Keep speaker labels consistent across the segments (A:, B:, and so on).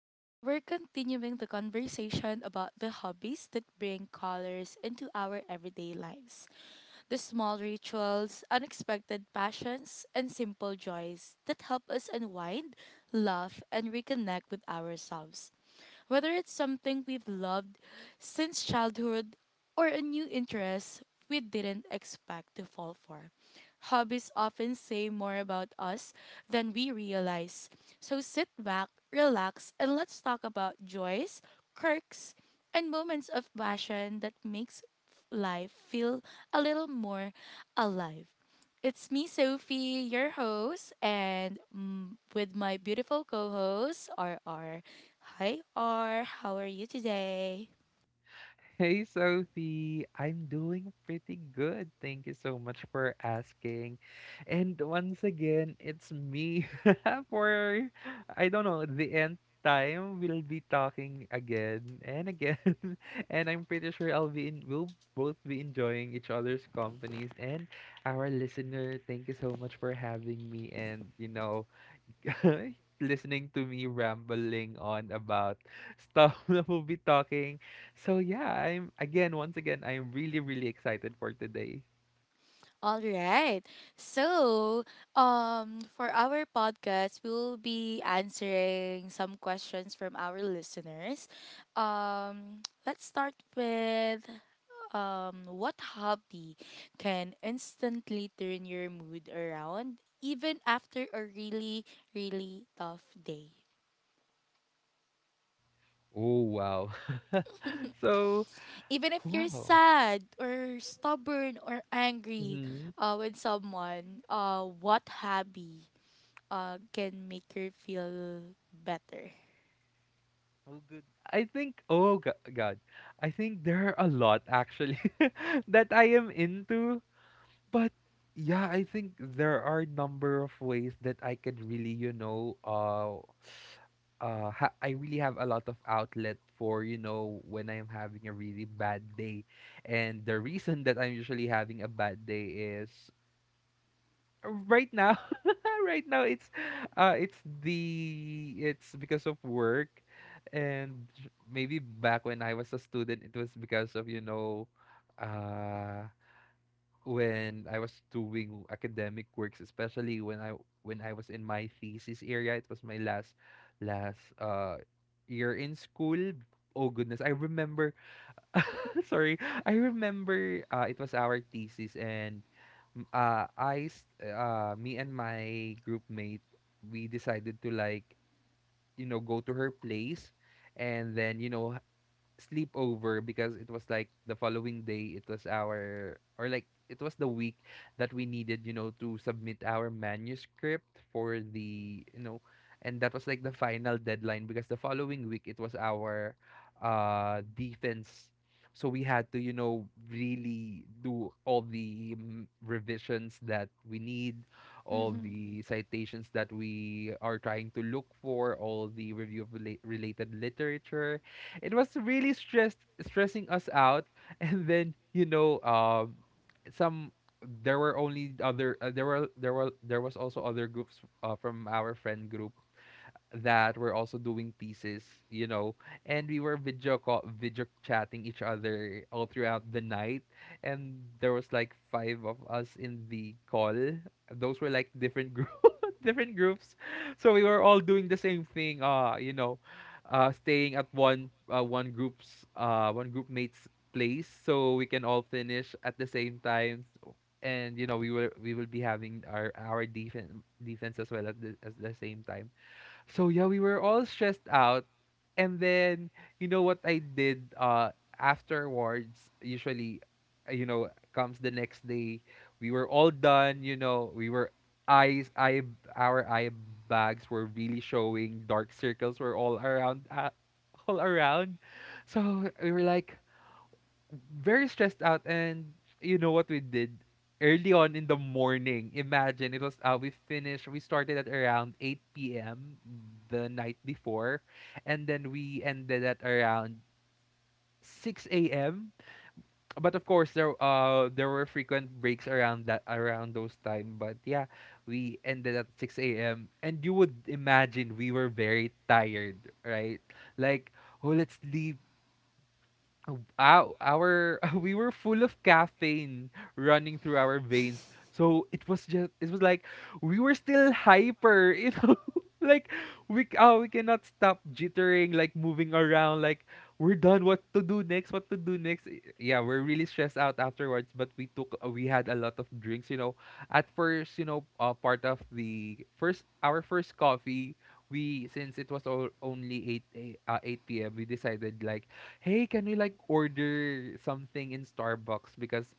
A: Today, we're continuing the conversation about the hobbies that bring colors into our everyday lives, the small rituals, unexpected passions, and simple joys that help us unwind, laugh, and reconnect with ourselves. Whether it's something we've loved since childhood or a new interest we didn't expect to fall for, hobbies often say more about us than we realize. So sit back, relax, and let's talk about joys, quirks, and moments of passion that makes life feel a little more alive. It's me, Sophie, your host, and with my beautiful co host, R R. Hi, R. How are you today?
B: Hey Sophie, I'm doing pretty good. Thank you so much for asking. And once again, it's me for I don't know, the end time we'll be talking again and again. And I'm pretty sure I'll be in we'll both be enjoying each other's companies and our listener. Thank you so much for having me and listening to me rambling on about stuff that we'll be talking. So yeah, once again, I'm really, really excited for today.
A: All right. So, for our podcast, we'll be answering some questions from our listeners. Let's start with what hobby can instantly turn your mood around, even after a really, really tough day?
B: Oh wow. So
A: Even if you're
B: wow.
A: sad or stubborn or angry
B: Hmm.
A: with someone, what hobby can make her feel better?
B: Oh good. I think god. I think there are a lot actually that I am into. But yeah, I think there are a number of ways that I could really, I really have a lot of outlet for, when I'm having a really bad day. And the reason that I'm usually having a bad day is right now, right now it's it's because of work. And maybe back when I was a student, it was because of, uh, when I was doing academic works, especially when I was in my thesis area, it was my last year in school. Oh goodness, I remember. Sorry, I remember. It was our thesis, and me and my group mate, we decided to like you know go to her place, and then you know sleepover because it was like the following day it was our or like it was the week that we needed you know to submit our manuscript for the you know, and that was like the final deadline because the following week it was our defense. So we had to you know really do all the revisions that we need, all
A: Mm-hmm.
B: the citations that we are trying to look for, all the review of related literature. It was really stressed stressing us out. And then you know um, some, there were only other there were there were there was also other groups from our friend group that were also doing thesis you know. And we were video chatting each other all throughout the night, and there was like five of us in the call. Those were like different different groups. So we were all doing the same thing. You know, staying at one group's one group mate's place, so we can all finish at the same time. So— and you know, we will be having our defense as well at the same time. So yeah, we were all stressed out. And then you know what I did afterwards, usually you know, comes the next day. We were all done, you know, we were eyes eye our eye bags were really showing, dark circles were all around all around. So we were like very stressed out. And you know what we did early on in the morning, imagine, it was we started at around 8 p.m the night before, and then we ended at around 6 a.m. But of course there there were frequent breaks around that around those time, but yeah, we ended at 6 a.m and you would imagine we were very tired, right? Like oh let's leave. Oh, our we were full of caffeine running through our veins. So it was just it was like we were still hyper, you know, like oh, we cannot stop jittering, like moving around, like we're done. What to do next? What to do next? Y- Yeah, we're really stressed out afterwards. But we took we had a lot of drinks, you know. At first, you know, part of the first our first coffee, we, since it was all only eight p.m. We decided like hey, can we like order something in Starbucks, because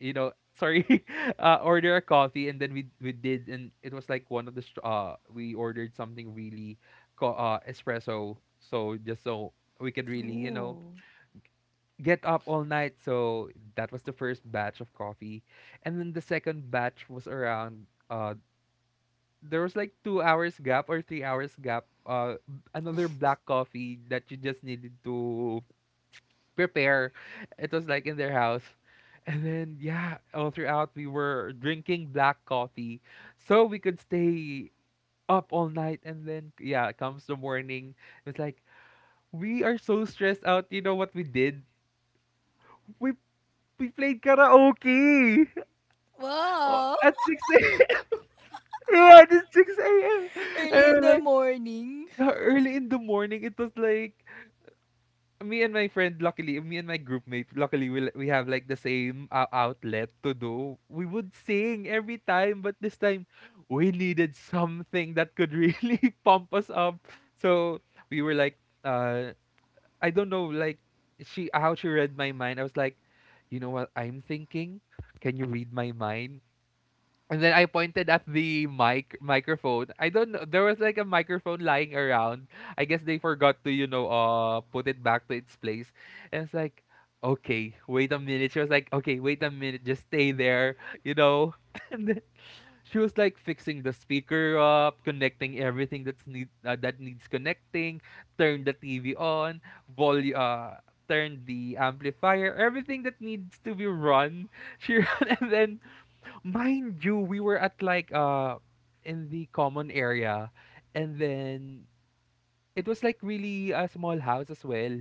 B: you know, sorry, order a coffee. And then we did, and it was like one of we ordered something really espresso, so just so we could really you know
A: Ooh.
B: get up all night. So that was the first batch of coffee. And then the second batch was around uh, there was like 2 hours gap or 3 hours gap uh, another black coffee that you just needed to prepare. It was like in their house. And then yeah, all throughout we were drinking black coffee so we could stay up all night. And then yeah, comes the morning. It's like we are so stressed out. You know what we did? We we played karaoke. Oh,
A: Wow.
B: at 6 a.m. Yeah, at 6 a.m.
A: Early in
B: And
A: the
B: like
A: morning.
B: yeah, early in the morning, it was like me and my friend, luckily, me and my group mate, luckily, we have like the same outlet to do. We would sing every time, but this time we needed something that could really pump us up. So we were like, uh, I don't know, like she how she read my mind. I was like, you know what I'm thinking? Can you read my mind? And then I pointed at the microphone. I don't know. There was like a microphone lying around. I guess they forgot to, you know, uh, put it back to its place. And it's like, okay, wait a minute. She was like, okay, wait a minute, just stay there, you know. And then she was like fixing the speaker up, connecting everything that needs connecting, turn the TV on, volume turn the amplifier, everything that needs to be run. She ran. And then mind you, we were at like in the common area, and then it was like really a small house as well.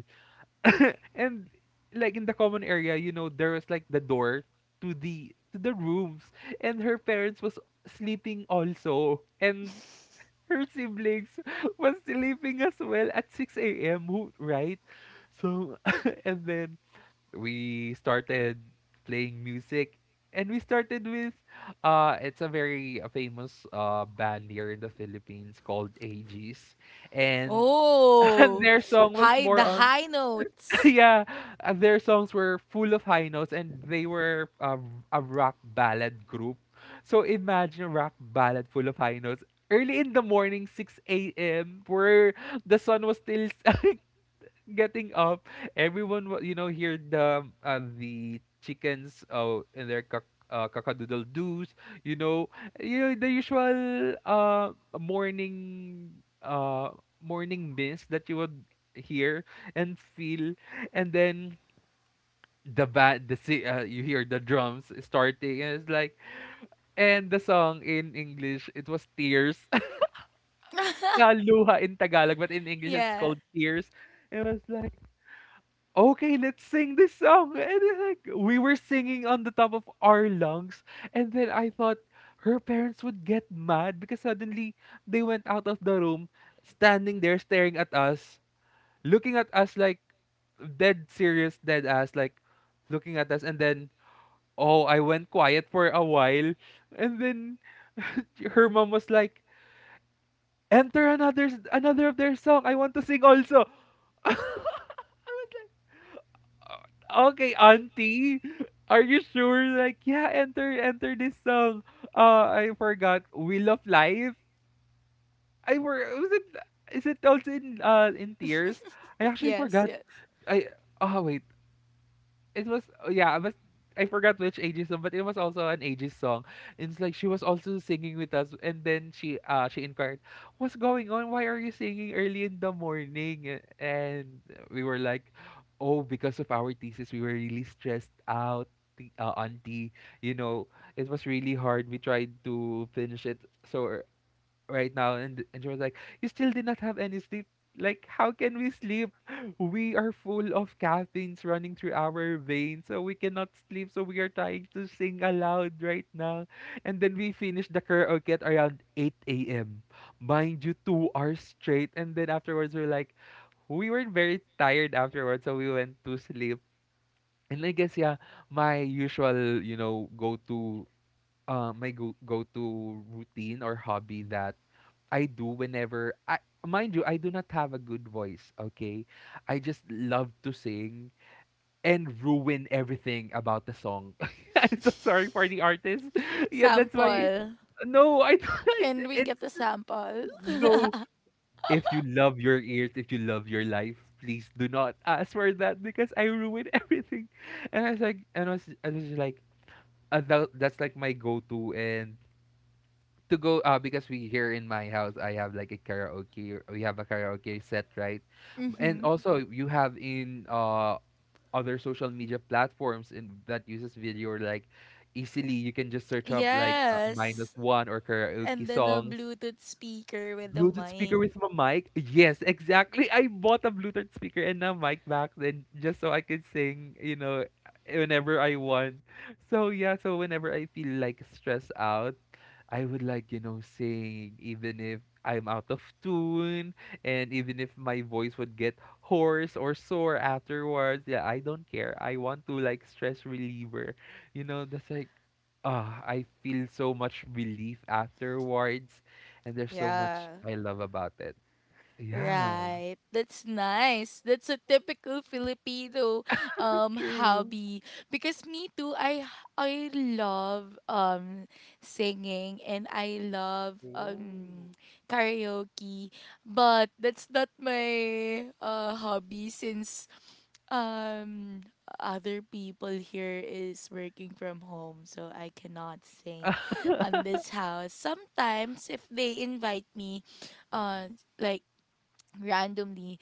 B: And like in the common area, you know, there was like the door to the rooms, and her parents was sleeping also, and her siblings was sleeping as well at 6 a.m. who- right? So and then we started playing music. And we started with uh, it's a very famous band here in the Philippines called Aegis. And
A: Oh,
B: their song was
A: high
B: more
A: the
B: on
A: high notes.
B: yeah, their songs were full of high notes, and they were a rock ballad group. So imagine a rock ballad full of high notes early in the morning 6 a.m where the sun was still getting up. Everyone, wa- you know, heard the chickens and their cockadoodle doos. You know, you know the usual morning mist that you would hear and feel. And then the band the si- you hear the drums starting and it's like, and the song in English it was Tears. Yeah, Luha in Tagalog, but in English it's
A: Yeah.
B: called Tears. It was like okay, let's sing this song. And then, like we were singing on the top of our lungs. And then I thought her parents would get mad, because suddenly they went out of the room, standing there staring at us, looking at us like dead serious, dead ass, like looking at us. And then, oh, I went quiet for a while. And then her mom was like, enter another, another of their song. I want to sing also. I was like, okay, auntie. Are you sure? Like, yeah, enter, enter this song. I forgot. Wheel of Life. I were was it? Is it also in Tears? I actually
A: Yes,
B: forgot.
A: yes.
B: I oh wait, it was I forgot which ages song, but it was also an ages song. It's like she was also singing with us, and then she inquired, "What's going on? Why are you singing early in the morning?" And we were like, "Oh, because of our thesis, we were really stressed out." The, auntie, you know, it was really hard. We tried to finish it so right now. And she was like, you still did not have any sleep, like how can we sleep, we are full of caffeines running through our veins, so we cannot sleep, so we are trying to sing aloud right now. And then we finished the karaoke at around 8 a.m, mind you, 2 hours straight. And then afterwards we're like, we were very tired afterwards, so we went to sleep. And I guess yeah, my usual you know go to my go-to routine or hobby that I do whenever I, mind you, I do not have a good voice, okay? I just love to sing and ruin everything about the song. I'm so sorry for the artist. Yeah, that's why
A: Sample.
B: no, I don't.
A: Can we get
B: It's
A: a sample?
B: no. If you love your ears, if you love your life, please do not ask for that because I ruin everything. And I was like and I was just like tha- that's like my go to and to go because we here in my house I have like a karaoke, we have a karaoke set, right? And
A: Mm-hmm.
B: also you have in other social media platforms in that uses video, like easily you can just search up like minus
A: Yes.
B: one or karaoke
A: And then a
B: songs.
A: Bluetooth speaker with the
B: Bluetooth speaker
A: mic.
B: with a mic, yes exactly, I bought a Bluetooth speaker and a mic back then just so I could sing, you know, whenever I want. So yeah, so whenever I feel like stressed out, I would, sing even if I'm out of tune, and even if my voice would get hoarse or sore afterwards. Yeah, I don't care. I want to like stress reliever. That's like ah, I feel so much relief afterwards, and there's so much
A: Yeah.
B: I love about it. Yeah.
A: Right. That's nice. That's a typical Filipino
B: True.
A: hobby, because me too, I love singing, and I love
B: Oh.
A: karaoke, but that's not my hobby since um other people here is working from home, so I cannot sing on this house. Sometimes if they invite me,
B: Mm-mm.
A: uh like, randomly,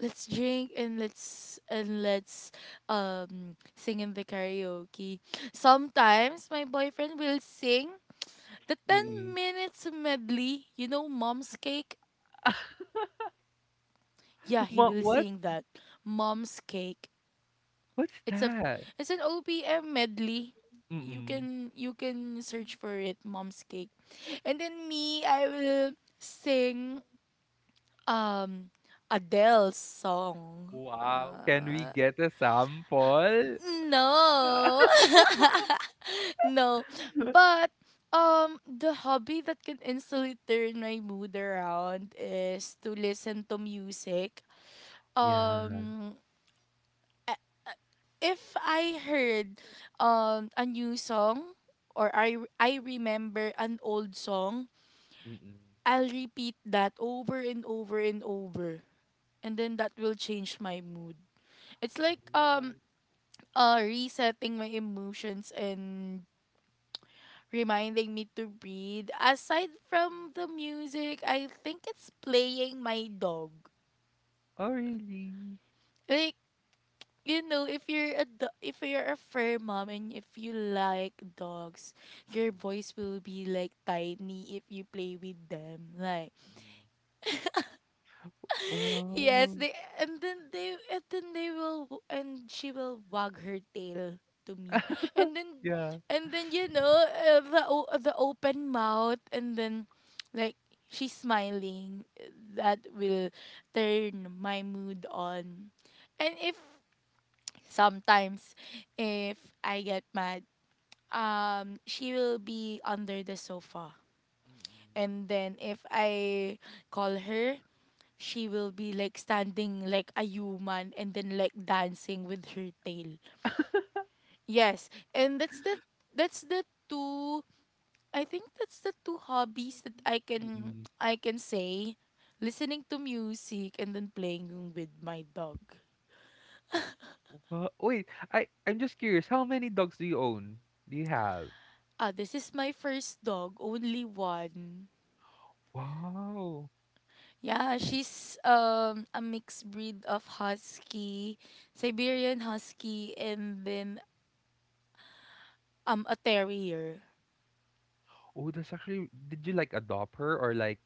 A: let's drink and let's sing in the karaoke. Sometimes my boyfriend will sing the 10
B: Mm-mm.
A: minutes medley, you know, Mom's Cake. Yeah, he
B: Ma-
A: will
B: what?
A: sing that. Mom's Cake.
B: What's
A: it's a
B: that?
A: it's an OPM medley. You
B: Mm-mm.
A: can search for it, Mom's Cake. And then me, I will sing um Adele's song,
B: Wow, can we get a sample?
A: no. No. But the hobby that can instantly turn my mood around is to listen to music.
B: Yeah.
A: Um if I heard a new song, or I remember an old song,
B: Mm-mm.
A: I'll repeat that over and over and over. And then that will change my mood. It's like,
B: Oh,
A: resetting my emotions and reminding me to breathe. Aside from the music, I think it's playing my dog.
B: oh really?
A: Like, if you're a fur mom and if you like dogs, your voice will be like tiny if you play with them. Like,
B: Mm-mm.
A: yes,
B: Wow.
A: and she will wag her tail to me. And then
B: Yeah.
A: and then, the open mouth, and then, like, she's smiling, that will turn my mood on. And if sometimes, if I get mad, she will be under the sofa,
B: Mm-mm.
A: and then if I call her, she will be like standing like a human, and then like dancing with her tail. Yes, and that's the two I think that's the two hobbies that I can
B: Mm-mm.
A: say: listening to music and then playing with my dog.
B: Wow. Wait, I'm just curious. How many dogs do you own? Do you have?
A: Ah, this is my first dog, only one.
B: Wow.
A: Yeah, she's a mixed breed of husky,
B: Mm-mm.
A: Siberian husky, and then a terrier.
B: Oh, that's actually. Did you like adopt her or like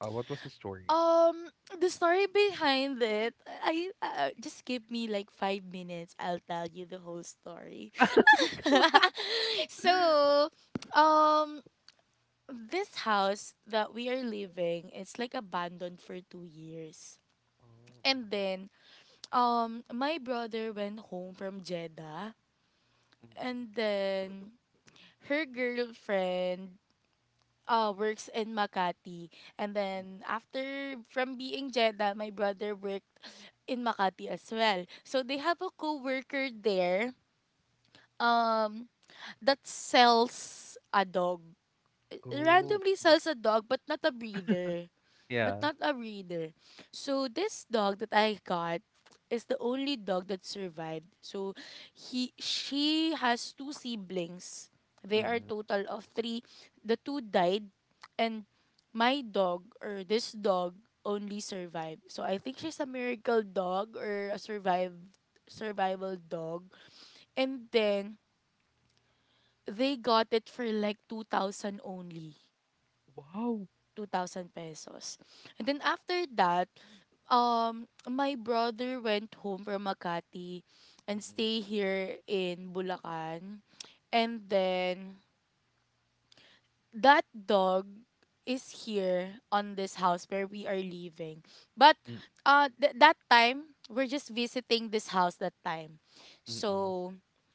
B: what was the story?
A: Um, the story behind it, I just give me like 5 minutes. I'll tell you the whole story. So, um, this house that we are living, it's like abandoned for 2 years,
B: Oh.
A: and then my brother went home from Jeddah,
B: Mm-hmm. Mm-mm.
A: and then her girlfriend works in Makati. And then after from being Jeddah, my brother worked in Makati as well. So they have a co-worker there um that sells a dog.
B: Oh,
A: Randomly sells a dog, but
B: yeah.
A: not a breeder So this dog that I got is the only dog that survived. So he she has two siblings. They are
B: Mm-mm.
A: total of three. The two died, and my dog, or this dog, only survived. So I think she's a miracle dog, or a survive survival dog. And then they got it for like 2,000 only.
B: Wow.
A: 2,000 pesos. And then after that, my brother went home from Makati and
B: Mm-mm.
A: stay here in Bulacan. And then that dog is here on this house where we are living. But that time, we're just visiting this house that time.
B: Mm-mm.
A: So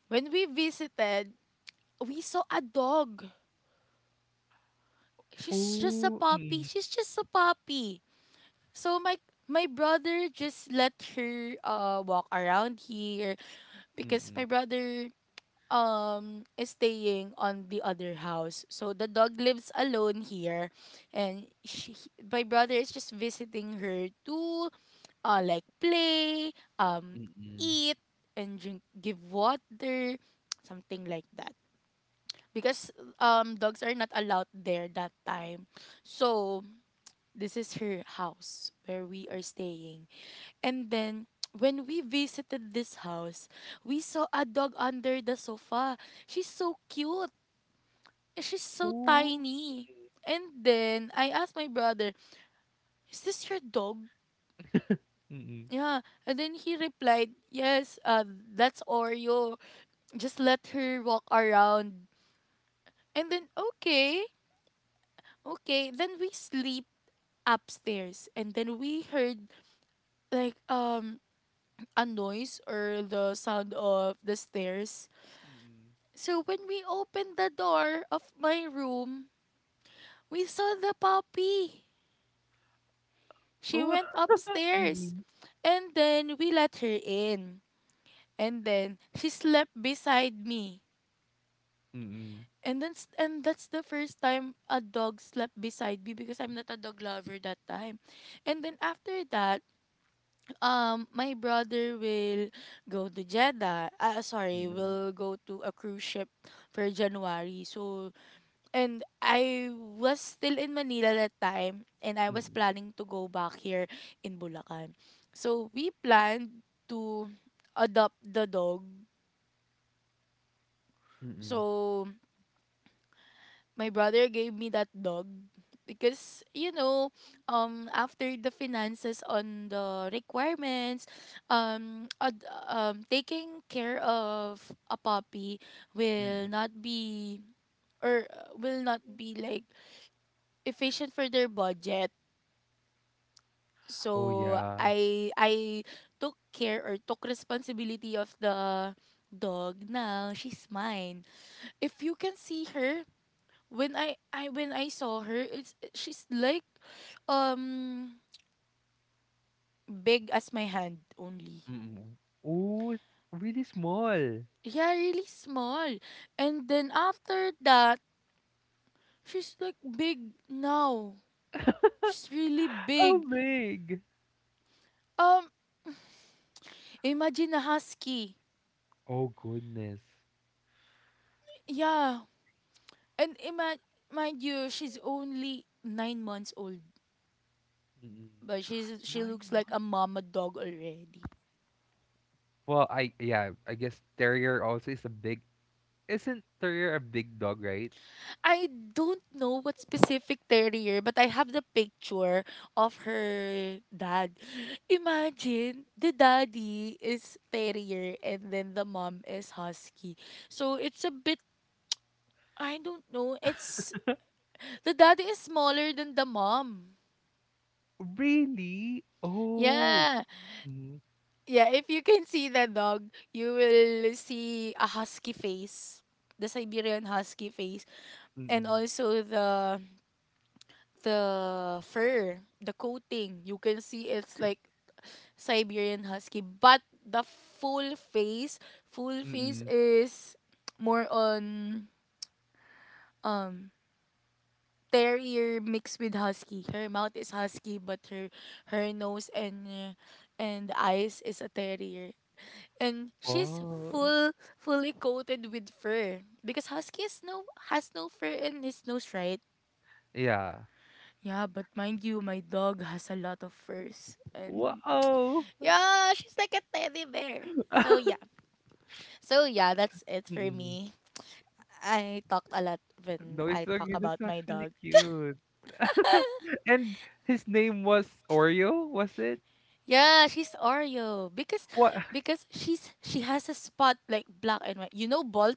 A: when we visited, we saw a dog. She's just a
B: Oh.
A: puppy.
B: Mm.
A: She's just a puppy. So my brother just let her walk around here, because
B: Mm,
A: my brother is staying on the other house. So the dog lives alone here, and she, my brother is just visiting her to, like, play,
B: mm.
A: eat, and drink, give water, something like that. Because dogs are not allowed there that time. So this is her house where we are staying. And then when we visited this house, we saw a dog under the sofa. She's so cute, and she's so
B: Oh.
A: tiny. And then I asked my brother, "Is this your dog?"
B: Mm,
A: Yeah. And then he replied, "Yes, that's Oreo. Just let her walk around." And then okay. Okay, then we sleep upstairs, and then we heard like a noise, or the sound of the stairs.
B: mm.
A: So when we opened the door of my room, we saw the puppy. She
B: Wow.
A: went upstairs.
B: Mm.
A: And then we let her in. And then she slept beside me.
B: Mm,
A: And that's the first time a dog slept beside me, because I'm not a dog lover that time. And then after that, my brother will go to Jeddah. Sorry,
B: mm.
A: will go to a cruise ship for January. So, and I was still in Manila that time, and I was
B: Mm,
A: planning to go back here in Bulacan. So, we planned to adopt the dog.
B: mm.
A: So, my brother gave me that dog because, after the finances on the requirements, taking care of a puppy will
B: Mm.
A: not be will not be, like, efficient for their budget,
B: Oh,
A: so
B: yeah.
A: I took care, or took responsibility of the dog. Now she's mine. If you can see her, when I saw her, it's she's like, um big as my hand only.
B: Mm. Oh, it's really small.
A: Yeah, really small. And then after that, she's like big now. She's really
B: How
A: big.
B: big?
A: Um Imagine a husky.
B: Oh, goodness.
A: Yeah. And ima- mind you, she's only 9 months old,
B: Mm.
A: but she
B: 9
A: looks like a
B: months?
A: mama dog already.
B: Well, I yeah, I guess terrier also is a big. Isn't terrier a big dog, right?
A: I don't know what specific terrier, but I have the picture of her dad. Imagine the daddy is terrier, and then the mom is husky. So it's a bit, I don't know. It's The daddy is smaller than the mom.
B: Really? Oh,
A: Yeah.
B: mm.
A: Yeah, if you can see the dog, you will see a husky face. The Siberian husky face, and
B: Mm.
A: also the fur, the coating. You can see it's like Siberian Husky, but the full face
B: Mm.
A: is more on um terrier mixed with husky. Her mouth is husky, but her nose and eyes is a terrier. And she's
B: Wow.
A: fully coated with fur, because husky is no has no fur in his nose, right?
B: Yeah.
A: Yeah, but mind you, my dog has a lot of furs, and
B: Wow!
A: yeah, she's like a teddy bear. So yeah. So yeah, that's it for
B: Mm.
A: me. I talked a lot when
B: No, it's
A: I talk
B: okay. That's
A: about my
B: actually
A: dog.
B: cute. And his name was Oreo, was it?
A: Yeah, she's Oreo, because
B: What?
A: she has a spot like black and white. You know Bolt,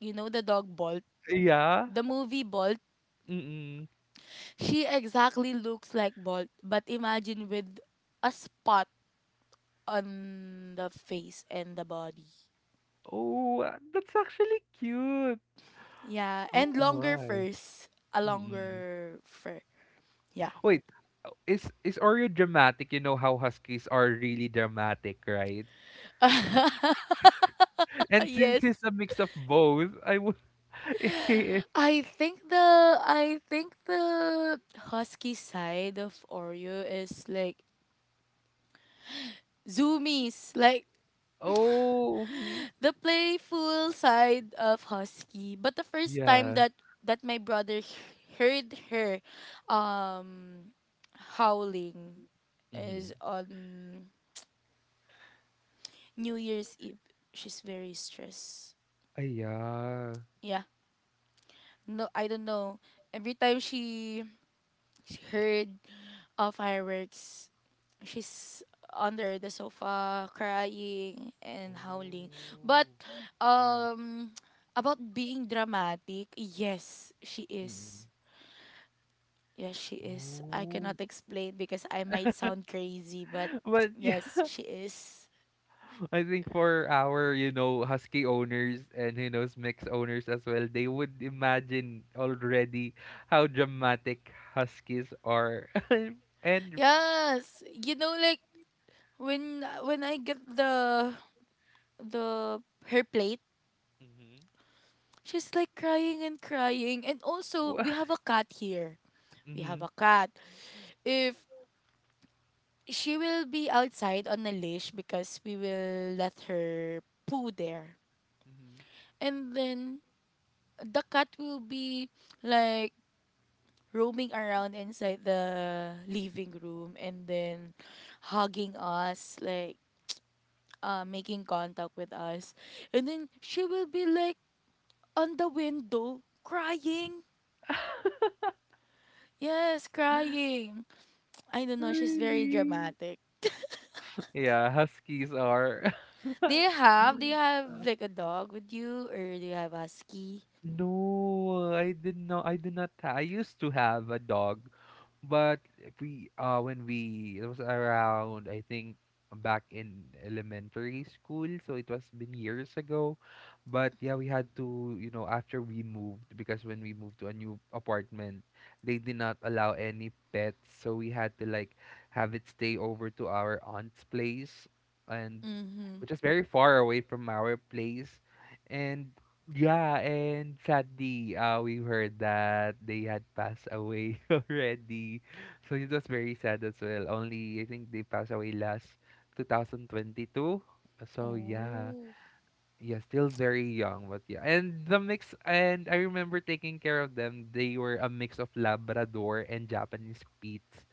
A: you know the dog Bolt,
B: Yeah.
A: the movie Bolt.
B: Mm-mm.
A: She exactly looks like Bolt, but imagine with a spot on the face and the body.
B: Oh, that's actually cute.
A: Yeah,
B: Oh
A: and longer
B: my.
A: furs, a
B: Mm-mm.
A: longer fur. Yeah.
B: Wait, is Oreo dramatic? You know how huskies are really dramatic, right? And since
A: Yes.
B: he's a mix of both, I would. He is-
A: I think the husky side of Oreo is like zoomies, like
B: Oh, mhm.
A: the playful side of husky. But the first time
B: Yeah.
A: that my brother heard her um howling
B: Mm-hmm.
A: is on New Year's Eve. She's very stressed.
B: Yeah.
A: Yeah. No, I don't know. Every time she heard fireworks, she's under the sofa crying and howling. But
B: Oh, yeah.
A: um about being dramatic, yes, she is.
B: Mm-mm.
A: Yes, she is. I
B: Oh.
A: cannot explain because I might sound crazy, but
B: But yeah,
A: yes, she is.
B: I think for our, you know, husky owners and you know, mix owners as well, they would imagine already how dramatic huskies are. And
A: Yes, like, when I get the her plate,
B: mhm.
A: she's like crying and crying. And also we
B: Wha-
A: have a cat here, we have
B: mhm.
A: a cat. If she will be outside on a leash, because we will let her poo there.
B: Mm-hmm.
A: And then the cat will be like roaming around inside the living room, and then hugging us, like, making contact with us. And then she will be like on the window crying. Yes, crying. I don't know, she's very
B: Really?
A: dramatic.
B: Yeah, huskies are.
A: Do you have like a dog with you, or do you have a husky?
B: No, I did not. I did not. Ha- I used to have a dog, but we when we it was around I think back in elementary school, so it was been years ago. But yeah, we had to you know after we moved, because when we moved to a new apartment, they did not allow any pets, so we had to like have it stay over to our aunt's place, and
A: Mm-hmm.
B: which is very far away from our place, and. Yeah, and sadly, we heard that they had passed away already. So it was very sad as well. Only, I think they passed away last 2022. So yeah,
A: Oh,
B: yeah, still very young, but yeah. And the mix, and I remember taking care of them. They were a mix of Labrador and Japanese Spitz.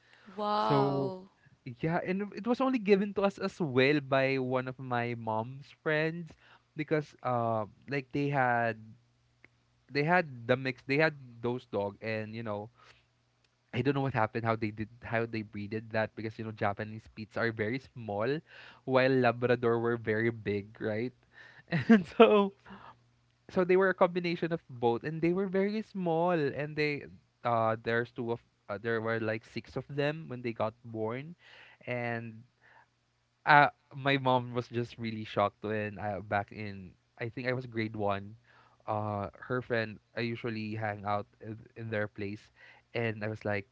B: So
A: wow.
B: yeah, and it was only given to us as well by one of my mom's friends because like they had the mix, they had those dog and you know I don't know what happened, how they did, how they breeded that, because you know Japanese pits are very small while Labrador were very big, right? And so, so they were a combination of both and they were very small and they there's two of there were like six of them when they got born. And uh my mom was just really shocked when I back in I think I was grade one. Her friend I usually hang out in their place, and I was like,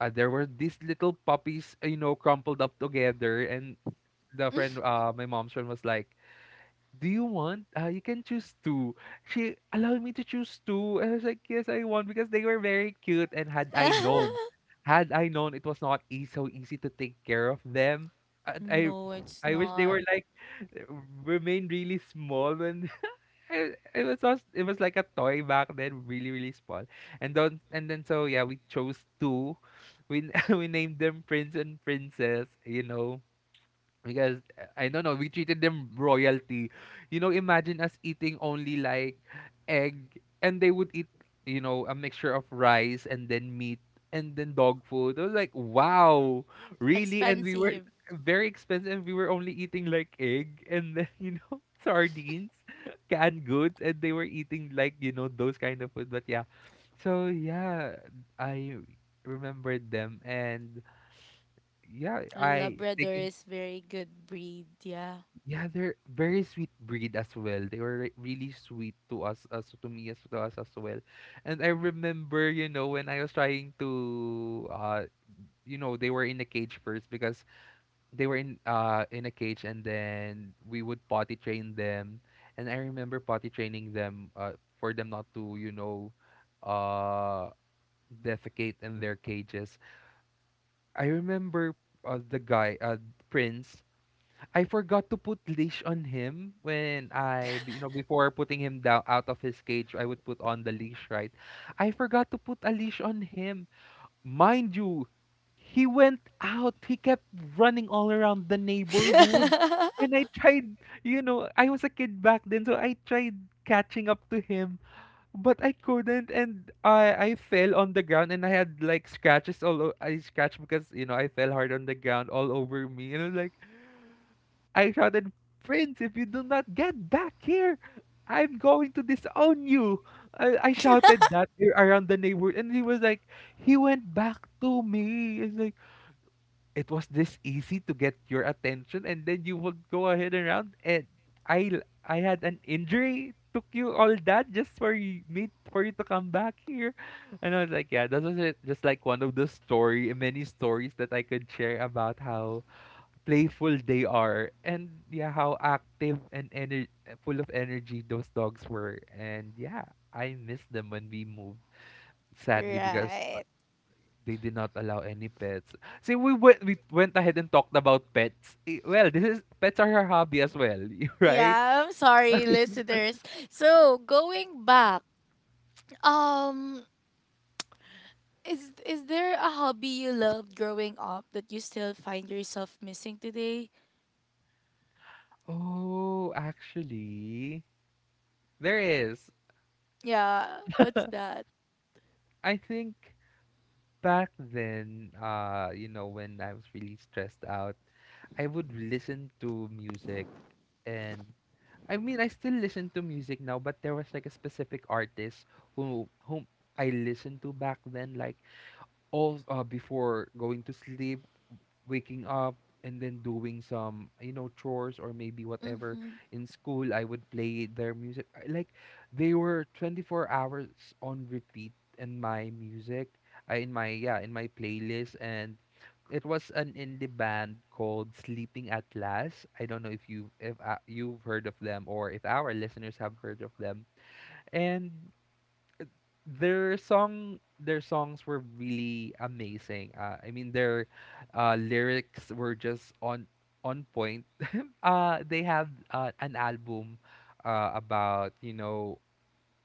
B: there were these little puppies, you know, crumpled up together, and the friend, my mom's friend was like, do you want? You can choose two. She allowed me to choose two. And I was like, yes, I want because they were very cute. And had I known it was not e- so easy to take care of them, I, I,
A: No, it's
B: I wish they
A: not.
B: were like remained really small and it was just, it was like a toy back then, really really small. And don't and then so yeah, we chose two. We n- we named them Prince and Princess. You know, because I don't know, we treated them royalty. You know, imagine us eating only like egg and they would eat, you know, a mixture of rice and then meat and then dog food. I was like, wow, really? And we were
A: Expensive.
B: very expensive. We were only eating like egg and then, you know, sardines, canned goods, and they were eating like, you know, those kind of food. But yeah. So yeah, I remembered them and yeah, I
A: Labrador
B: taking
A: is very good breed, yeah.
B: yeah, they're very sweet breed as well. They were re- really sweet to us, as to me, as to us as well. And I remember, you know, when I was trying to, you know, they were in a cage first because they were in a cage, and then we would potty train them. And I remember potty training them, for them not to, you know, uh, defecate in their cages. I remember, the guy, Prince. I forgot to put leash on him when I, b- you know, before putting him down out of his cage, I would put on the leash, right? I forgot to put a leash on him. Mind you, he went out. He kept running all around the neighborhood. And I tried, you know, I was a kid back then, so I tried catching up to him, but I couldn't. And I fell on the ground and I had like scratches all o- I scratched because, you know, I fell hard on the ground all over me. And I was like, I shouted, Prince, if you do not get back here, I'm going to disown you. I shouted that a- around the neighborhood. And he was like, he went back to me. It's like, it was this easy to get your attention and then you would go ahead and around and I had an injury. Took you all that just for you, me for you to come back here, and I was like, yeah, that was it. Just like one of the story, many stories that I could share about how playful they are, and yeah how active and ener- full of energy those dogs were. And yeah I miss them when we moved sadly because
A: Right.
B: they did not allow any pets. See we went ahead and talked about pets. Eh, well this is pets are her hobby as well. Right
A: Yeah, I'm sorry, listeners. So going back, um, is there a hobby you loved growing up that you still find yourself missing today?
B: oh actually there is.
A: Yeah, what's that?
B: I think back then, you know, when I was really stressed out, I would listen to music, and I mean, I still listen to music now, but there was like a specific artist whom I listened to back then, like all before going to sleep, waking up, and then doing some you know chores or maybe whatever
A: Mm-hmm.
B: in school I would play their music. I- like they were 24 hours on repeat in my music in my yeah in my playlist. And it was an indie band called Sleeping at Last. I don't know if you if you've heard of them or if our listeners have heard of them. And their songs were really amazing. I mean their lyrics were just on point. They have an album about you know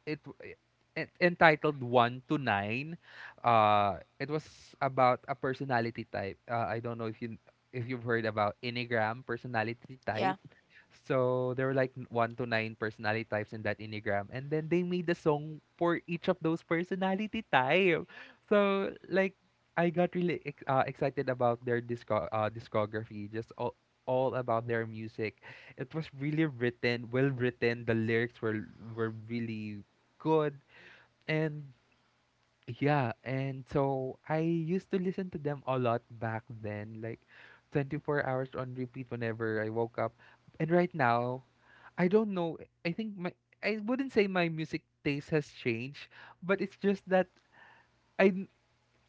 B: it, w- it en- entitled One to Nine. It was about a personality type. I don't know if you if you've heard about Enneagram personality
A: Yeah.
B: type. So there were like n- one to nine personality types in that Enneagram. And then they made a song for each of those personality type. So like I got really ex- excited about their disco- discography, just all about their music. It was really written, well written. The lyrics were really good. And yeah, and so I used to listen to them a lot back then, like 24 hours on repeat whenever I woke up. And right now, I don't know. I think my I wouldn't say my music taste has changed, but it's just that I n-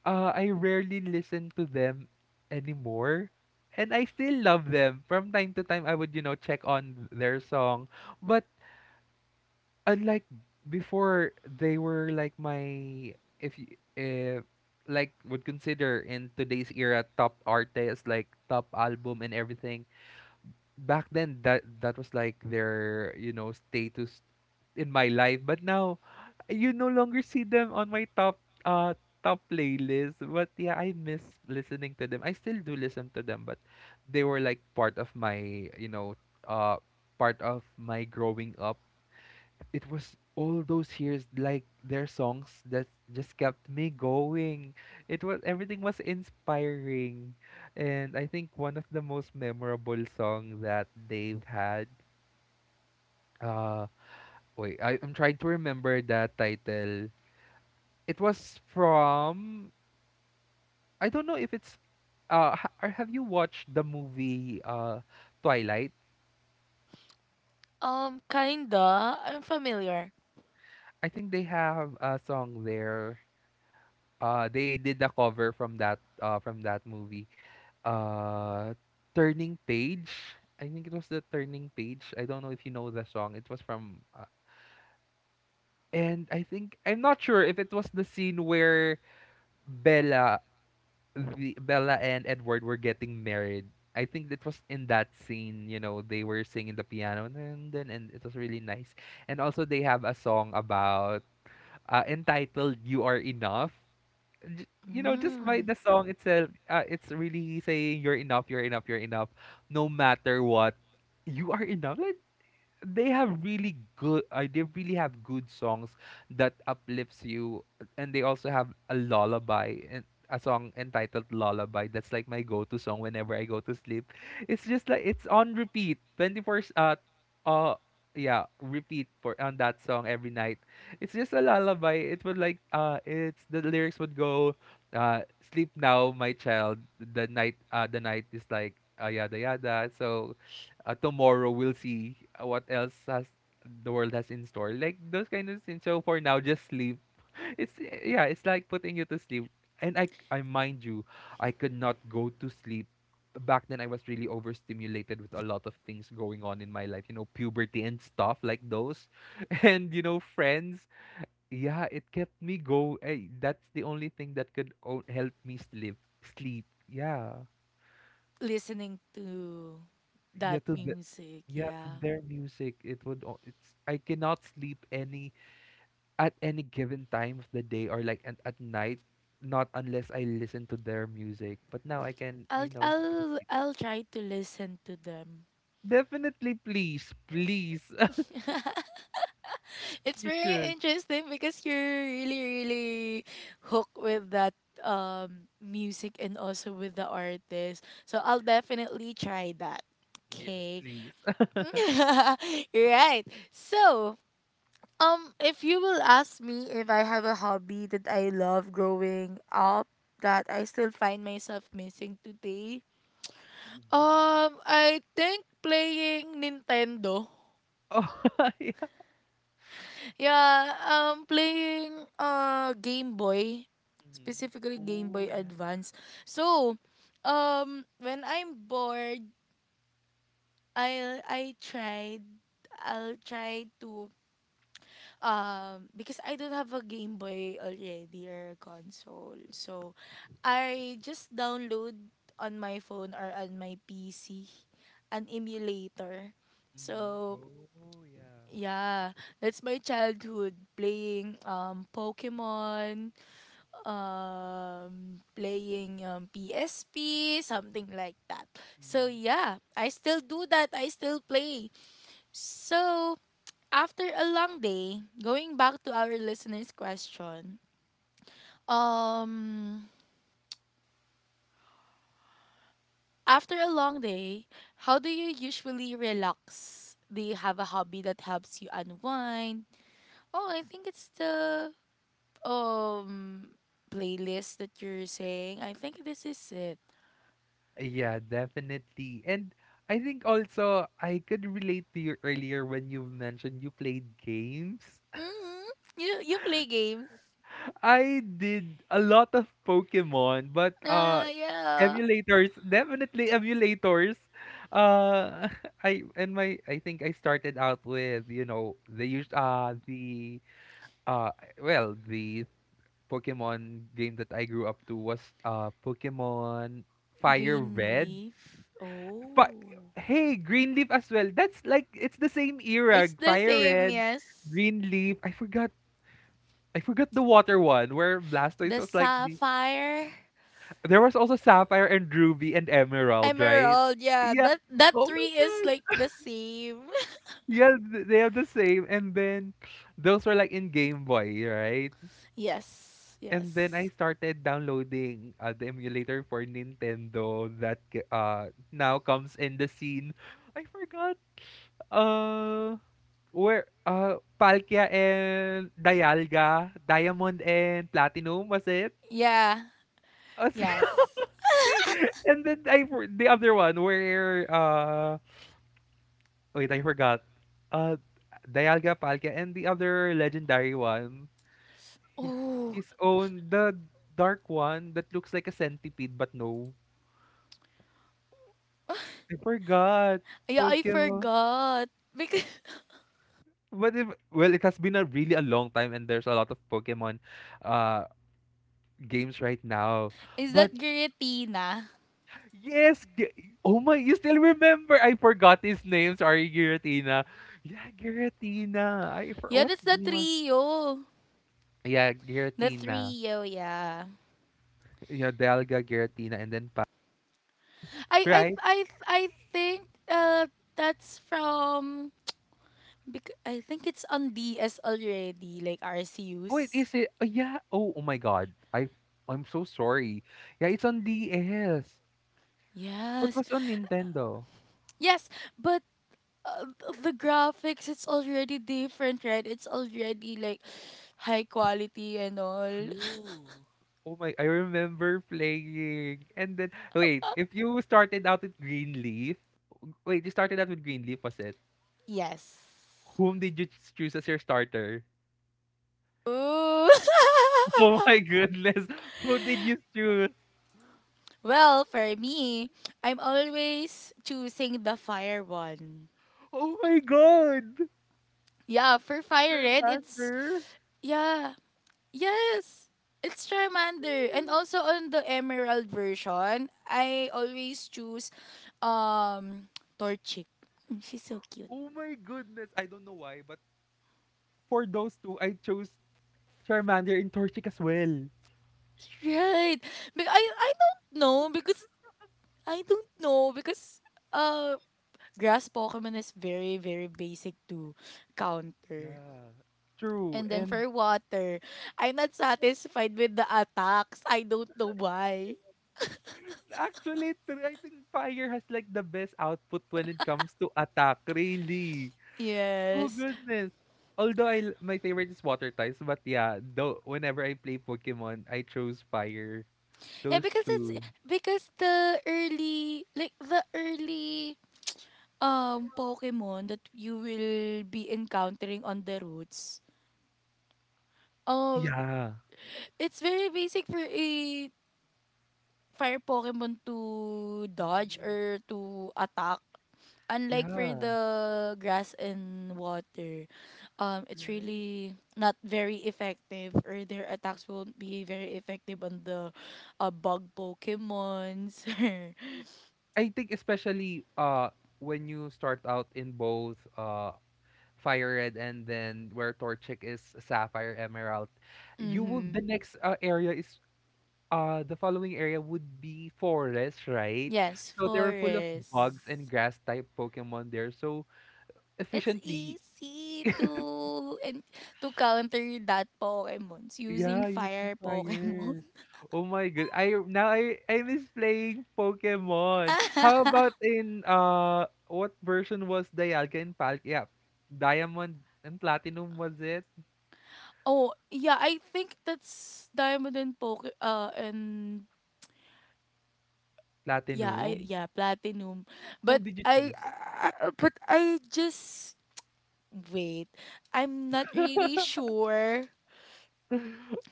B: I rarely listen to them anymore. And I still love them. From time to time, I would, check on their song, but unlike before they were like my— if you uh, like would consider in today's era top artists, like top album and everything back then, that was like their status in my life, but now you no longer see them on my uh top playlist. But yeah, I miss listening to them. I still do listen to them, but they were like part of my you know uh part of my growing up. It was all those years, like, their songs that just kept me going. It was— everything was inspiring. And I think one of the most memorable song that they've had, uh wait, I'm trying to remember that title. It was from— I don't know if it's or have you watched the movie, Twilight?
A: Kinda. I'm familiar.
B: I think they have a song there. They did a cover from that, from that movie, uh Turning Page. I think it was the Turning Page. I don't know if you know the song. It was from, and I think— I'm not sure if it was the scene where Bella— the Bella and Edward were getting married. I think it was in that scene, you know, they were singing the piano, and it was really nice. And also they have a song about, entitled You Are Enough. You know, just by
A: Mm.
B: the song itself, it's really saying you're enough, you're enough, you're enough, no matter what, you are enough. Like, they have really good— they really have good songs that uplifts you, and they also have a lullaby, and a song entitled Lullaby, that's like my go-to song whenever I go to sleep. It's just like it's on repeat 24 uh yeah, repeat for on that song every night. It's just a lullaby. It would like— it's— the lyrics would go, uh sleep now, my child, the night— the night is like, yada yada, so tomorrow we'll see, what else has— the world has in store. Like those kind of things. So for now, just sleep. It's, yeah, it's like putting you to sleep. And I mind you, I could not go to sleep. Back then, I was really overstimulated with a lot of things going on in my life. Puberty and stuff like those, and friends. Yeah, it kept me go. Eh, That's the only thing that could help me sleep. Sleep. Yeah.
A: Listening to that
B: yeah to the
A: music,
B: Yeah, to
A: yeah.
B: their music, it would it's— I cannot sleep any— at any given time of the day or like at night, not unless I listen to their music, but now I can,
A: I'll
B: go to
A: I'll
B: sleep.
A: I'll try to listen to them.
B: Definitely, please, please.
A: It's
B: You
A: very
B: should.
A: interesting because you're really hooked with that music and also with the artist. So I'll definitely try that.
B: Yes,
A: Okay.
B: please.
A: Right. So, if you will ask me if I have a hobby that I love growing up that I still find myself missing today,
B: Mhm.
A: I think playing Nintendo.
B: Oh, yeah.
A: Yeah, playing Game Boy,
B: Mhm.
A: specifically Game Boy
B: Oh, yeah.
A: Advance. So, when I'm bored, I will I tried, I'll try to because I don't have a Game Boy already or a console. So I just download on my phone or on my PC an emulator.
B: Mhm.
A: So
B: Oh, yeah.
A: yeah, that's my childhood playing Pokemon, um playing PSP, something like that. So yeah, I still do that. I still play. So, after a long day, going back to our listeners' question, um, after a long day, how do you usually relax? Do you have a hobby that helps you unwind? Oh, I think it's the um playlist that you're saying. I think this is it.
B: Yeah, definitely. And I think also I could relate to you earlier when you mentioned you played games.
A: Mm, you play games.
B: I did a lot of Pokemon, but
A: Ah, yeah.
B: emulators, definitely emulators. Uh I and my I think I started out with, you know, the the uh well, the Pokemon game that I grew up to was Pokemon Fire
A: Green
B: Red.
A: leaf.
B: But
A: Oh,
B: hey, Greenleaf as well. That's like— it's the same era.
A: it's the
B: Fire
A: same.
B: Red,
A: Yes.
B: Greenleaf. I forgot. I forgot the water one where Blastoise
A: The
B: was like the.
A: sapphire
B: There was also Sapphire and Ruby and Emerald, right?
A: emerald. Yeah,
B: Yeah.
A: that
B: Oh my
A: three is
B: god.
A: like the same.
B: Yeah, they have the same. And then those were like in Game Boy, right?
A: Yes.
B: And then I
A: Yes.
B: started downloading, the emulator for Nintendo that now comes in the scene. I forgot. Uh, where Palkia and Dialga, Diamond and Platinum, was it?
A: Yeah.
B: Uh, see,
A: Yes.
B: see, and then I the other one where wait, I forgot. Uh, Dialga, Palkia, and the other legendary one, hi-
A: Oh,
B: his own— the dark one that looks like a centipede, but no, I forgot
A: yeah, I
B: Pokemon.
A: forgot. Because
B: But if Well, it has been a really— a long time, and there's a lot of Pokemon, uh, games right now.
A: is that
B: But
A: Giratina?
B: yes, oh my, you still remember? I forgot his name. Sorry, Giratina. Yeah, Giratina. I for
A: Yeah,
B: What
A: that's the
B: game was?
A: trio.
B: Yeah,
A: The
B: Giratina.
A: trio, yeah.
B: Yeah, Delga, Giratina, and then pa.
A: I I
B: Right?
A: I I think that's from because I think it's on DS already, like
B: Wait,
A: RCUs.
B: is it? Oh, yeah. Oh, oh my God. I'm so sorry. Yeah, it's on DS. What
A: Yes.
B: was on Nintendo?
A: Yes, but uh, the graphics, it's already different, right? It's already like high quality and all.
B: True. Oh my, I remember playing. And then, wait, if you started out with Greenleaf— wait, you started out with Greenleaf, was it?
A: Yes.
B: Whom did you choose as your starter?
A: Ooh.
B: Oh my goodness. Who did you choose?
A: Well, for me, I'm always choosing the fire one.
B: Oh my god.
A: Yeah, for fire red it's
B: Charmander.
A: yeah, yes, it's Charmander. And also on the Emerald version, I always choose um Torchic. Mm, she's so cute.
B: Oh my goodness. I don't know why, but for those two, I chose Charmander and Torchic as well.
A: Right. But I don't know because I don't know because uh grass Pokemon is very basic to counter.
B: Yeah. True.
A: And then
B: And
A: for water, I'm not satisfied with the attacks. I don't know why.
B: actually, I think Fire has like the best output when it comes to attack, really. Oh
A: Yes.
B: goodness. Although my favorite is water types, but yeah, though whenever I play Pokemon, I chose fire.
A: Yeah,
B: Those
A: because it's
B: two.
A: because the early, like the early Pokemon that you will be encountering on the routes. Um,
B: Yeah.
A: it's very basic for a fire Pokemon to dodge or to attack. Unlike for
B: Yeah.
A: the grass and water, it's
B: Right?
A: really not very effective, or their attacks won't be very effective on the bug Pokemons.
B: True. I think especially when you start out in both Fire Red, and then where Torchic is— Sapphire Emerald, you will the
A: Mm-hmm.
B: next, area is— the following area would be forest, right?
A: Yes,
B: So they were full of bugs
A: forest.
B: and grass type Pokemon there. So
A: It's
B: efficiently,
A: easy to and to counter that Pokemons using
B: yeah, using
A: fire Pokemon.
B: fire. Oh my god. I now I miss playing Pokemon. How about in, what version was Dialga and Pal? Yeah. Diamond and Platinum, was it?
A: Oh, yeah, I think that's diamond and poker and yeah, I
B: Platinum?
A: yeah, platinum.
B: Who
A: But
B: did you
A: I
B: choose?
A: uh, but I just wait. I'm not really sure.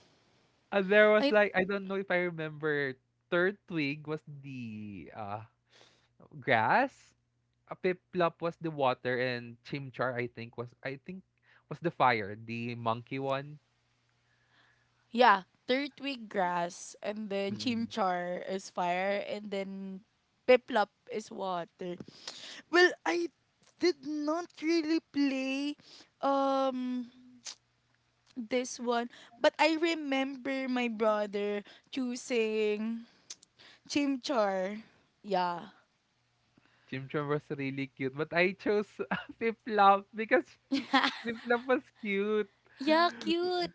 B: There
A: I
B: was
A: th-
B: like— I don't know if I remember. Third twig was the grass. A piplop was the water, and chimchar, I think, was— I think was the fire, the monkey one.
A: yeah, third twig grass, and then
B: Mm.
A: chimchar is fire, and then piplop is water. Well, I did not really play um this one. But I remember my brother choosing chimchar. Yeah.
B: Chimchar was really cute, but I chose piplop because she, piplop was cute.
A: Yeah, cute.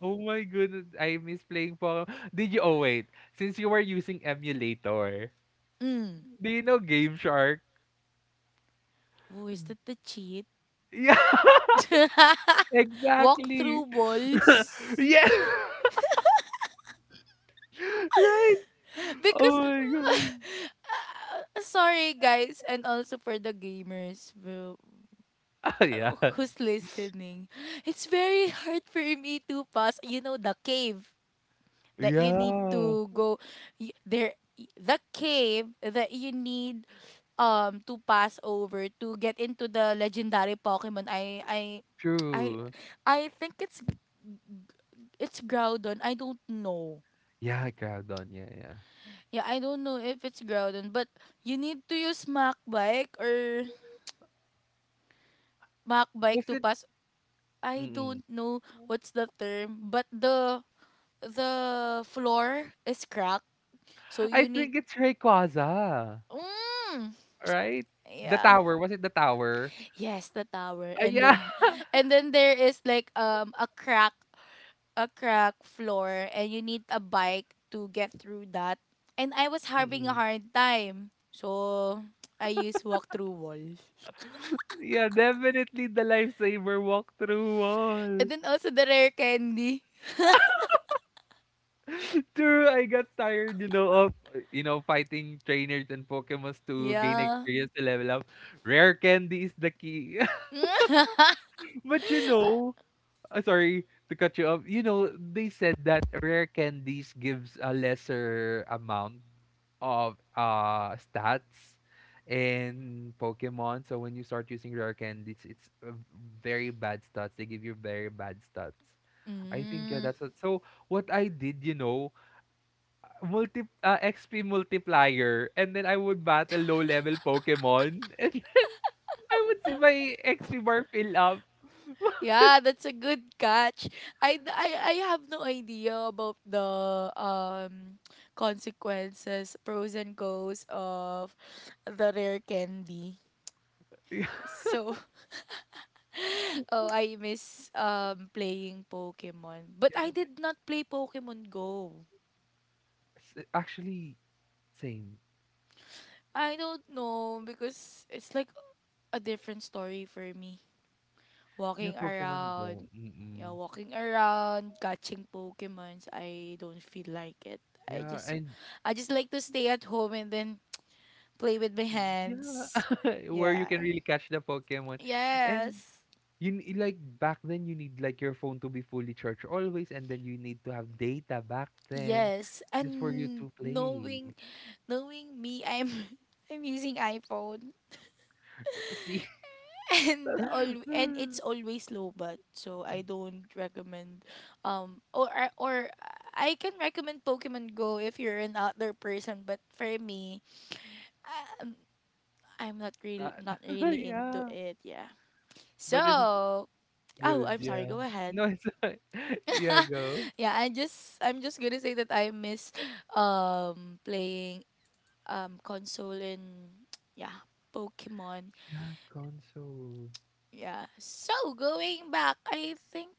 B: Oh my goodness, I miss playing Pokemon. Did you? Oh wait, since you were using emulator,
A: Mm.
B: do you know Game Shark?
A: Oh, is that the cheat?
B: Yeah,
A: Walk through
B: exactly.
A: walls.
B: Yeah. Right. Oh
A: Because,
B: my god.
A: sorry guys, and also for the gamers bro,
B: Oh yeah.
A: uh, who's listening, it's very hard for me to pass. You know the cave. That you need
B: Yeah.
A: to go y- there y- The cave that you need to pass over to get into the legendary Pokemon. I I
B: True.
A: I think it's Groudon. I don't know.
B: Yeah, Groudon. Yeah, yeah.
A: Yeah, I don't know if it's Groudon, but you need to use Mach Bike or Mach Bike
B: Was
A: to
B: it?
A: pass. I
B: Mm-mm.
A: don't know what's the term, but the floor is cracked, so
B: I
A: you need.
B: think it's Rayquaza,
A: Mm,
B: right? The
A: yeah,
B: tower. Was it the tower?
A: yes, the tower.
B: Ah,
A: And then
B: yeah.
A: and then there is like a crack floor, and you need a bike to get through that. And I was having a
B: Mm-mm.
A: hard time. So I used walk through wall.
B: Yeah, definitely the lifesaver walkthrough wall.
A: And then also the rare candy.
B: True, I got tired, of, fighting trainers and Pokemons to gain
A: Yeah.
B: experience to level up. Rare candy is the key. But sorry to cut you off. You know, they said that rare candies gives a lesser amount of stats in Pokemon. So when you start using rare candies, it's, very bad stats. They give you very bad stats. I think, yeah,
A: Mm.
B: that's what. So what I did, you know, multi XP multiplier, and then I would battle low level Pokemon, and then I would see my XP bar fill up.
A: Yeah, that's a good catch. I, I I have no idea about the consequences, pros and cons of the rare candy.
B: Yeah,
A: So oh, I miss playing Pokemon. But I
B: yeah,
A: did not play Pokemon Go.
B: that's actually same.
A: I don't know because it's like a different story for me.
B: Yeah,
A: Walking
B: Pokemon Go.
A: around, you know,
B: Mm-mm.
A: walking around, catching Pokemons, I don't feel like it. I
B: Yeah,
A: just
B: and
A: I just like to stay at home and then play with my
B: yeah,
A: hands.
B: where you
A: Yeah.
B: can really catch the Pokemon. And
A: Yes.
B: like, back then you need, like, your phone to be fully charged always, and then you need to have data back then
A: Yes.
B: just for you
A: And
B: to play.
A: knowing me, I'm I'm using iPhone.
B: See?
A: And all, and it's always low, but so I don't recommend or I can recommend Pokemon Go if you're an outdoor person, but for me um, I'm
B: Not—
A: not really into
B: yeah,
A: it, yeah.
B: but it was
A: So oh,
B: good,
A: I'm sorry,
B: yeah.
A: go ahead.
B: No, it's like yeah, go.
A: Yeah, I'm just gonna say that I miss playing console, and yeah, Pokemon.
B: Yeah, console.
A: Yeah, so going back, I think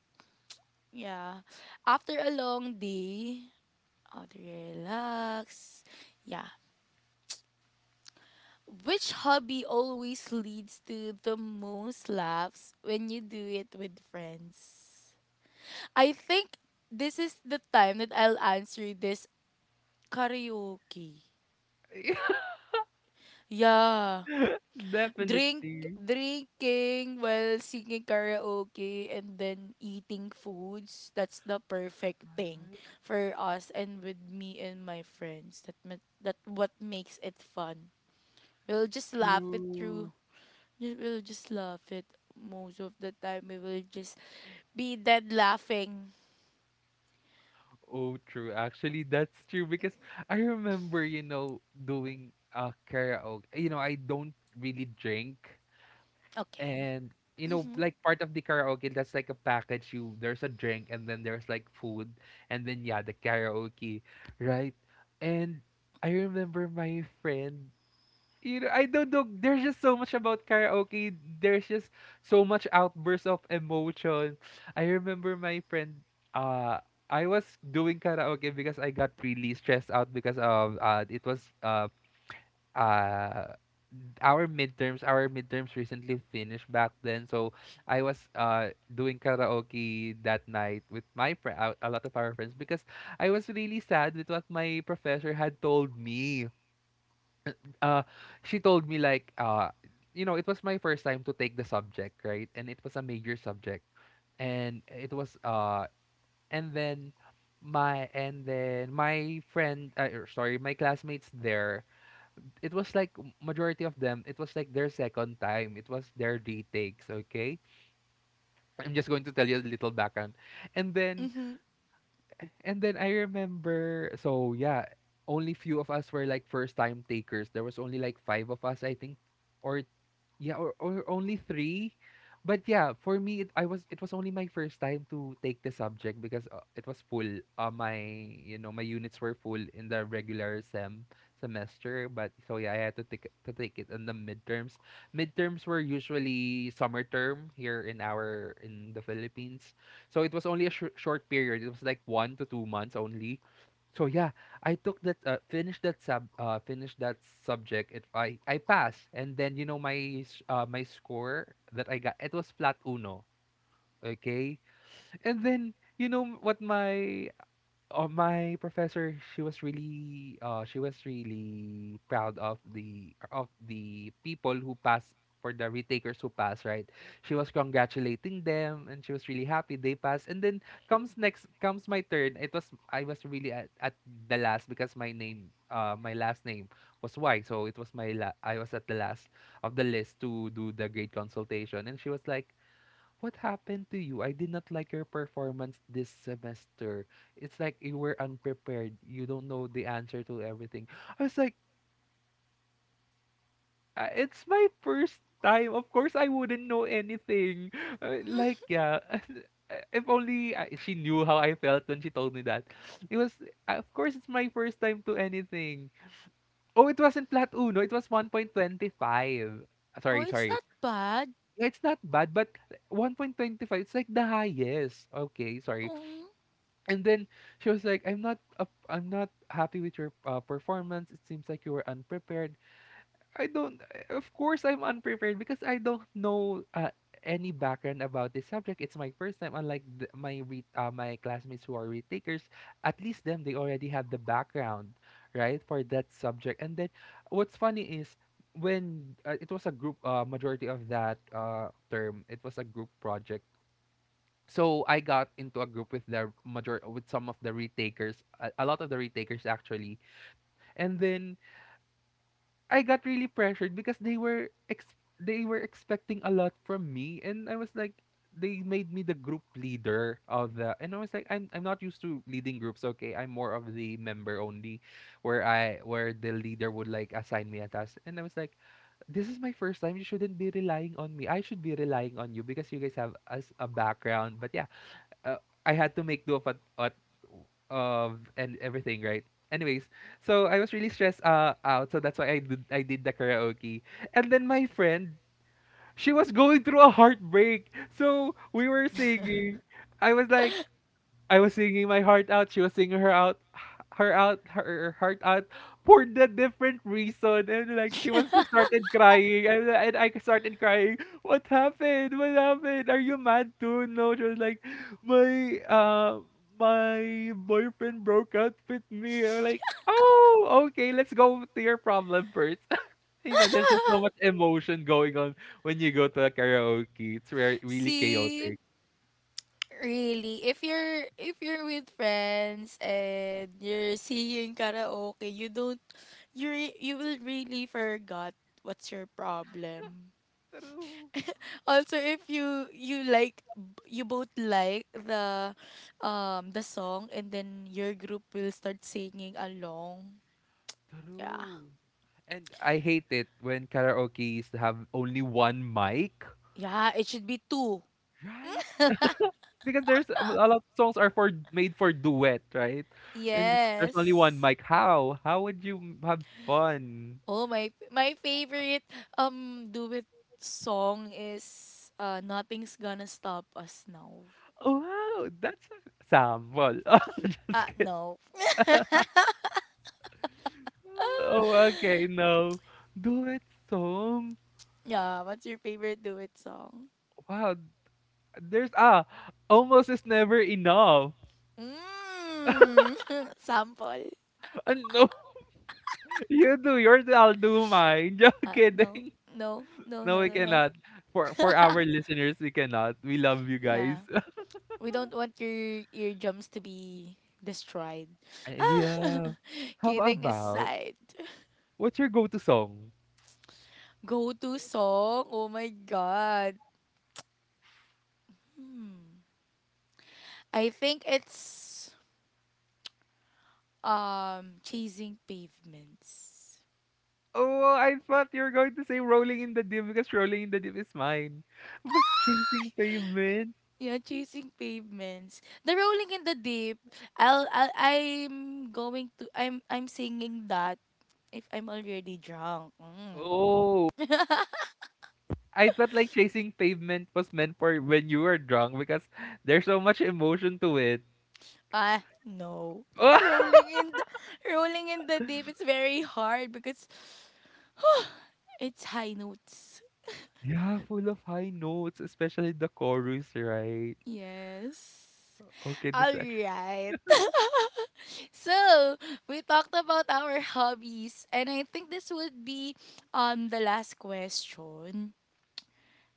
A: yeah, after a long day, how to relax. Yeah. Which hobby always leads to the most laughs when you do it with friends? I think this is the time that I'll answer this karaoke. Yeah.
B: Yeah,
A: drink
B: definitely.
A: Drinking while singing karaoke and then eating foods, that's the perfect thing for us, and with me and my friends, that that what makes it fun. We'll just laugh it through.
B: True.
A: We'll just laugh it, most of the time we will just be dead laughing.
B: Oh, true. Actually, that's true because I remember, you know, doing karaoke. You know, I don't really drink.
A: Okay.
B: And, you know,
A: Mhm.
B: like part of the karaoke, that's like a package. You There's a drink, and then there's like food, and then yeah, the karaoke, right? And I remember my friend, you know, I don't know, there's just so much about karaoke. There's just so much outbursts of emotion. I remember my friend, uh I was doing karaoke because I got really stressed out because of, it was uh our midterms— our midterms recently finished back then. So I was, doing karaoke that night with my friend, a lot of our friends, because I was really sad with what my professor had told me. Uh, she told me like, you know, it was my first time to take the subject, right? And it was a major subject, and it was, and then and then my friend, sorry, my classmates there, it was like majority of them. It was like their second time, it was their retakes. Okay, I'm just going to tell you a little background. and then
A: Mhm.
B: and then I remember, so yeah, only few of us were like first time takers. There was only like five of us, I think, or, yeah, or only three. But yeah, for me it was only my first time to take the subject because it was full. My You know, my units were full in the regular semester, but so yeah, I had to take it in the midterms. Midterms were usually summer term here in our in the Philippines. So it was only a short period. It was like 1 to 2 months only. So yeah, I took that, finished that subject. It I passed, and then my score that I got, it was flat uno. Okay, and then you know what my oh, my professor, she was really proud of the people who passed, for the retakers who passed, right? She was congratulating them and she was really happy they passed. And then comes my turn. It was I was really at the last, because my name my last name was Y. So it was I was at the last of the list to do the grade consultation, and she was like, "What happened to you? I did not like your performance this semester. It's like you were unprepared. You don't know the answer to everything." I was like, It's my first time. Of course, I wouldn't know anything." Like, yeah. If only she knew how I felt when she told me that. It was, of course, it's my first time to anything. Oh, it wasn't flat uno. It was 1.25.
A: Oh,
B: Sorry,
A: it's
B: sorry.
A: not bad.
B: Yeah, it's not bad, but 1.25, it's like the highest. Okay, sorry.
A: Oh,
B: And then she was like, I'm not happy with your performance. It seems like you were unprepared." I don't. Of course, I'm unprepared because I don't know any background about this subject. It's my first time. Unlike my classmates who are retakers, at least them, they already have the background, right, for that subject. And then, what's funny is, when it was a group majority of that term, it was a group project, so I got into a group with the major with some of the retakers, a lot of the retakers actually. And then I got really pressured because they were expecting a lot from me, and I was like, they made me the group leader and I was like, I'm not used to leading groups. Okay, I'm more of the member only, where I where the leader would like assign me a task, and I was like, this is my first time. You shouldn't be relying on me. I should be relying on you because you guys have as a background. But yeah, uh, I had to make do of and everything, right? Anyways, so I was really stressed out, so that's why I did the karaoke. And then my friend, she was going through a heartbreak, so we were singing. I was like, I was singing my heart out. She was singing her heart out for the different reason. And like she started crying, and I started crying. What happened? What happened? Are you mad too? No, she was like, my uh, my boyfriend broke up with me. I'm like, oh, okay, let's go to your problem first. There's just so much emotion going on when you go to a karaoke. It's very really
A: see,
B: chaotic.
A: really, if you're with friends and you're singing karaoke, you don't you will really forgot what's your problem.
B: True.
A: Also, if you like you both like the song, and then your group will start singing along. Yeah.
B: True. And I hate it when karaoke's have only one mic,
A: Yeah, it should be two.
B: right? Because there's a lot of songs are for made for duet, right? And if there's only one
A: Yes.
B: mic, how? How would you have fun?
A: Oh, my favorite duet song is Nothing's Gonna Stop Us Now.
B: Oh, wow, that's a sample. Oh, just
A: Ah,
B: kidding.
A: no.
B: Oh, okay, no. Duet song.
A: Yeah, what's your favorite duet song?
B: Wow, there's almost is never enough.
A: Mm. Sample.
B: And no, you do yours, I'll do mine. Just
A: Ah, no.
B: kidding.
A: No. No,
B: No,
A: no,
B: we
A: no, no.
B: cannot. For our listeners, we cannot. We love you guys.
A: Yeah. We don't want your eardrums to be destroyed. Ah,
B: Yeah. How
A: kidding
B: about,
A: aside.
B: what's your go-to song?
A: Go to song. Oh my god. I think it's chasing pavements.
B: Oh, I thought you were going to say "Rolling in the Deep" because "Rolling in the Deep" is mine. But "Chasing Pavement."
A: Yeah, chasing pavements, the rolling in the deep. I'll I'm going to I'm singing that if I'm already drunk. Mm.
B: Oh, I thought like "Chasing Pavement" was meant for when you were drunk because there's so much emotion to it.
A: Ah, no. rolling in the Rolling in the deep, it's very hard because it's high notes.
B: Yeah, full of high notes, especially the chorus, right?
A: Yes.
B: Okay, this
A: All
B: is actually.
A: right. So we talked about our hobbies, and I think this would be the last question.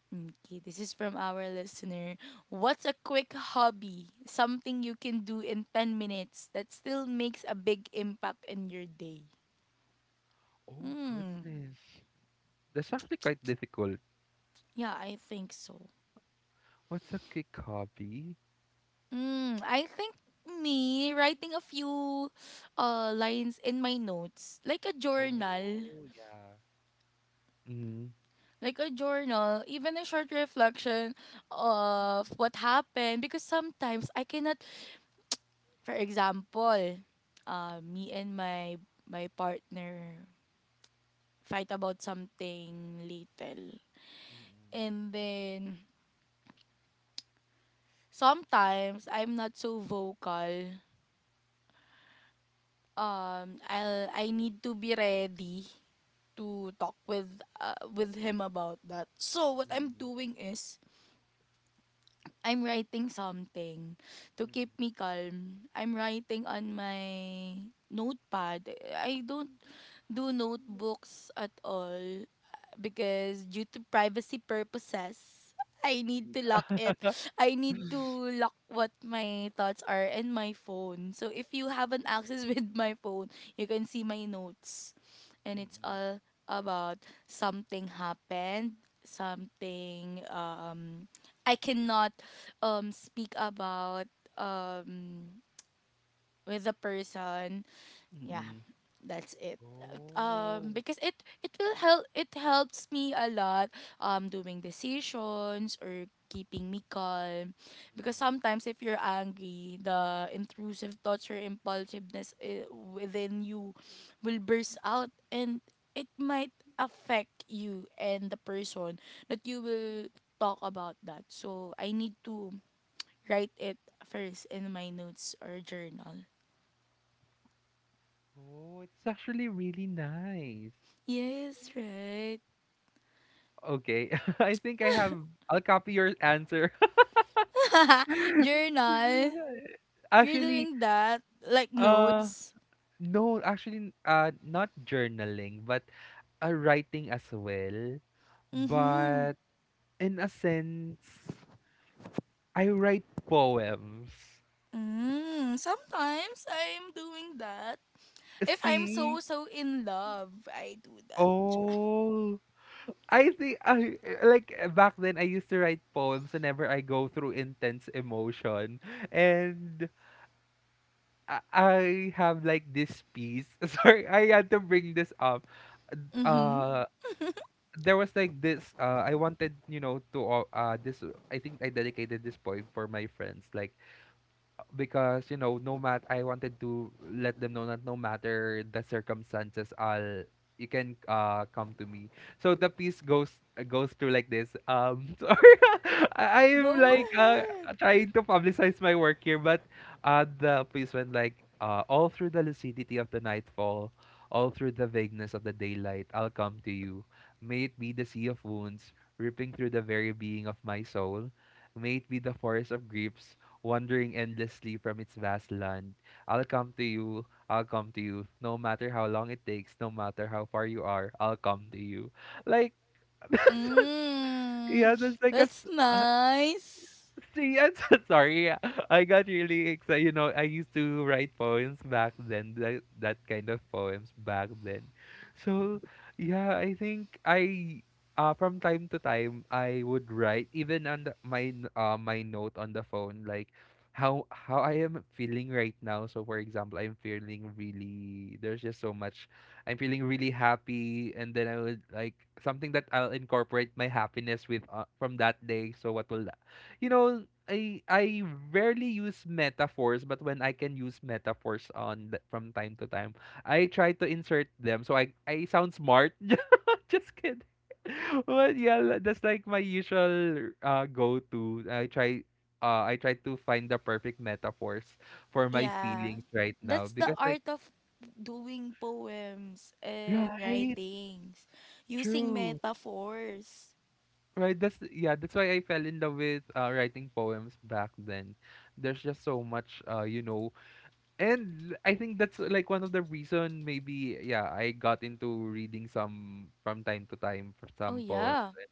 A: Okay, this is from our listener. What's a quick hobby? Something you can do in 10 minutes that still makes a big impact in your day.
B: Oh
A: Hmm.
B: goodness. That's actually quite difficult.
A: Yeah, I think so.
B: What's a quick hobby?
A: Hmm. I think me writing a few lines in my notes, like a journal,
B: Oh, yeah. Mm.
A: even a short reflection of what happened because sometimes I cannot, for example, me and my partner fight about something little.
B: Mm-mm.
A: And then sometimes I'm not so vocal. I need to be ready to talk with him about that. So what I'm
B: Mm-mm.
A: doing is I'm writing something to keep me calm. I'm writing on my notepad. I don't do notebooks at all because due to privacy purposes, I need to lock it. I need
B: Mm-mm.
A: to lock what my thoughts are in my phone. So if you haven't access with my phone, you can see my notes. And it's
B: Mm-mm.
A: all about something happened, something I cannot speak about with a person, yeah,
B: Mm-mm.
A: that's it.
B: Oh.
A: Because it will help it helps me a lot doing decisions or keeping me calm, because
B: Mm-mm.
A: sometimes if you're angry, the intrusive thoughts or impulsiveness within you will burst out, and it might affect you and the person that you will talk about that. So I need to write it first in my notes or journal.
B: Oh, it's actually really nice.
A: Yes, right.
B: Okay, I think I have. I'll copy your answer.
A: Journal. You're
B: Actually,
A: doing that? Like
B: uh,
A: notes?
B: no, actually, not journaling, but writing as well. Mm.
A: Mm-hmm.
B: But in a sense, I write poems.
A: Mm, sometimes I'm doing that. If I'm
B: See?
A: so in love, I do that.
B: Oh. I think I like back then I used to write poems whenever I go through intense emotion, and I have like this piece. Sorry, I had to bring this up.
A: Mm-hmm.
B: uh there was like this. I wanted you know to all- this I think I dedicated this poem for my friends, like, because, no matter, I wanted to let them know that no matter the circumstances, I'll you can come to me. So the piece goes through like this, sorry. I am
A: Go
B: like
A: ahead.
B: trying to publicize my work here, but the piece went like, all through the lucidity of the nightfall, all through the vagueness of the daylight, I'll come to you. May it be the sea of wounds ripping through the very being of my soul, may it be the forest of griefs wandering endlessly from its vast land. I'll come to you, I'll come to you, no matter how long it takes, no matter how far you are, I'll come to you. Like, that's,
A: Mm,
B: yeah, that's like a,
A: that's nice.
B: See, I'm so sorry. I got really excited. I used to write poems back then, that kind of poems back then. So, yeah, I think from time to time, I would write even on my note on the phone, like, how I am feeling right now. So, for example, I'm feeling really, there's just so much, I'm feeling really happy. And then I would like something that I'll incorporate my happiness with, from that day. So, what will, you know, I rarely use metaphors, but when I can use metaphors from time to time, I try to insert them, so I sound smart. Just kidding. But yeah, that's like my usual go-to. I try, I try to find the perfect metaphors for my
A: Yeah.
B: feelings right now,
A: That's the
B: because like,
A: art of doing poems and
B: right,
A: writings using
B: true.
A: metaphors.
B: Right, that's yeah, that's why I fell in love with writing poems back then. There's just so much, and I think that's like one of the reason, maybe. Yeah, I got into reading some from time to time, for
A: Oh,
B: some poems,
A: yeah.
B: and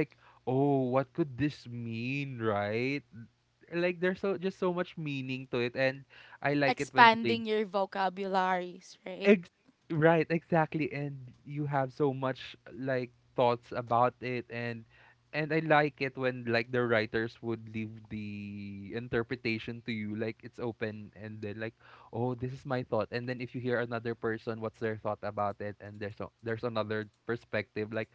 B: like, oh, what could this mean, right? Like, there's so just so much meaning to it, and I like it when they
A: Expanding your vocabularies, right?
B: Ex right, exactly. And you have so much like thoughts about it, and I like it when like the writers would leave the interpretation to you, like it's open, and then like, oh, this is my thought. And then if you hear another person, what's their thought about it? And there's another perspective, like,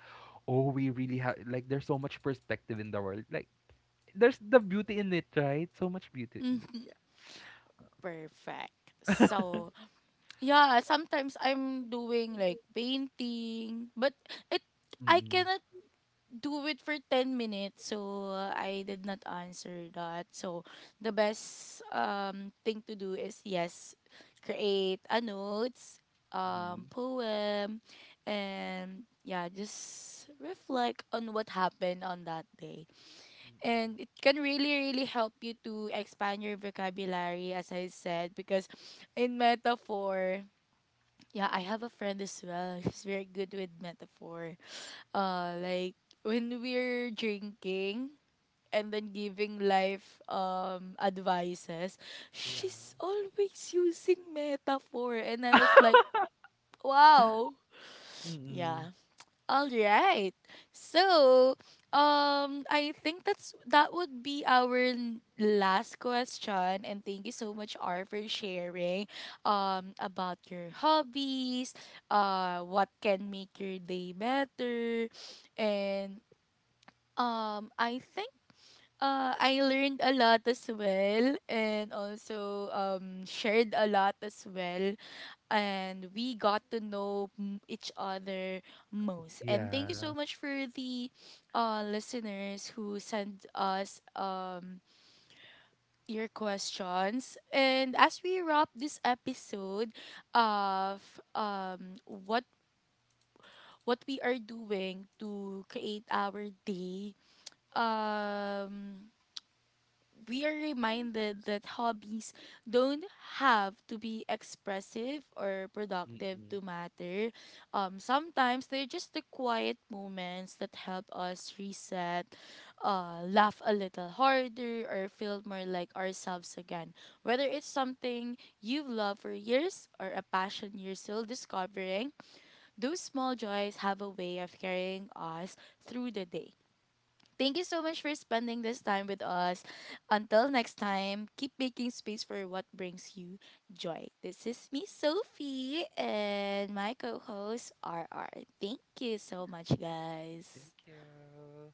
B: oh, we really have like there's so much perspective in the world. Like there's the beauty in it, right? So much beauty in it.
A: Mm,
B: Yeah.
A: perfect. So, yeah, sometimes I'm doing like painting, but it I
B: Mm-mm.
A: cannot do it for 10 minutes, so I did not answer that. So the best thing to do is yes, create a notes,
B: Mm-mm.
A: poem, and yeah, just reflect on what happened on that day.
B: Mm-mm.
A: And it can really help you to expand your vocabulary, as I said, because in metaphor, yeah, I have a friend as well, she's very good with metaphor. Like when we're drinking and then giving life advices,
B: Yeah.
A: she's always using metaphor, and I was like wow.
B: Mm-mm.
A: Yeah. All right. So, I think that's that would be our last question, and thank you so much R for sharing about your hobbies, what can make your day better. And I think I learned a lot as well, and also shared a lot as well, and we got to know each other most. And thank you
B: Yeah.
A: so much for the listeners who sent us your questions. And as we wrap this episode of what we are doing to create our day, um, we are reminded that hobbies don't have to be expressive or productive
B: Mm-mm.
A: to matter. Sometimes they're just the quiet moments that help us reset, laugh a little harder, or feel more like ourselves again. Whether it's something you've loved for years or a passion you're still discovering, those small joys have a way of carrying us through the day. Thank you so much for spending this time with us. Until next time, keep making space for what brings you joy. This is me, Sophie, and my co host, R R. Thank you so much,
B: Thank
A: guys.
B: you.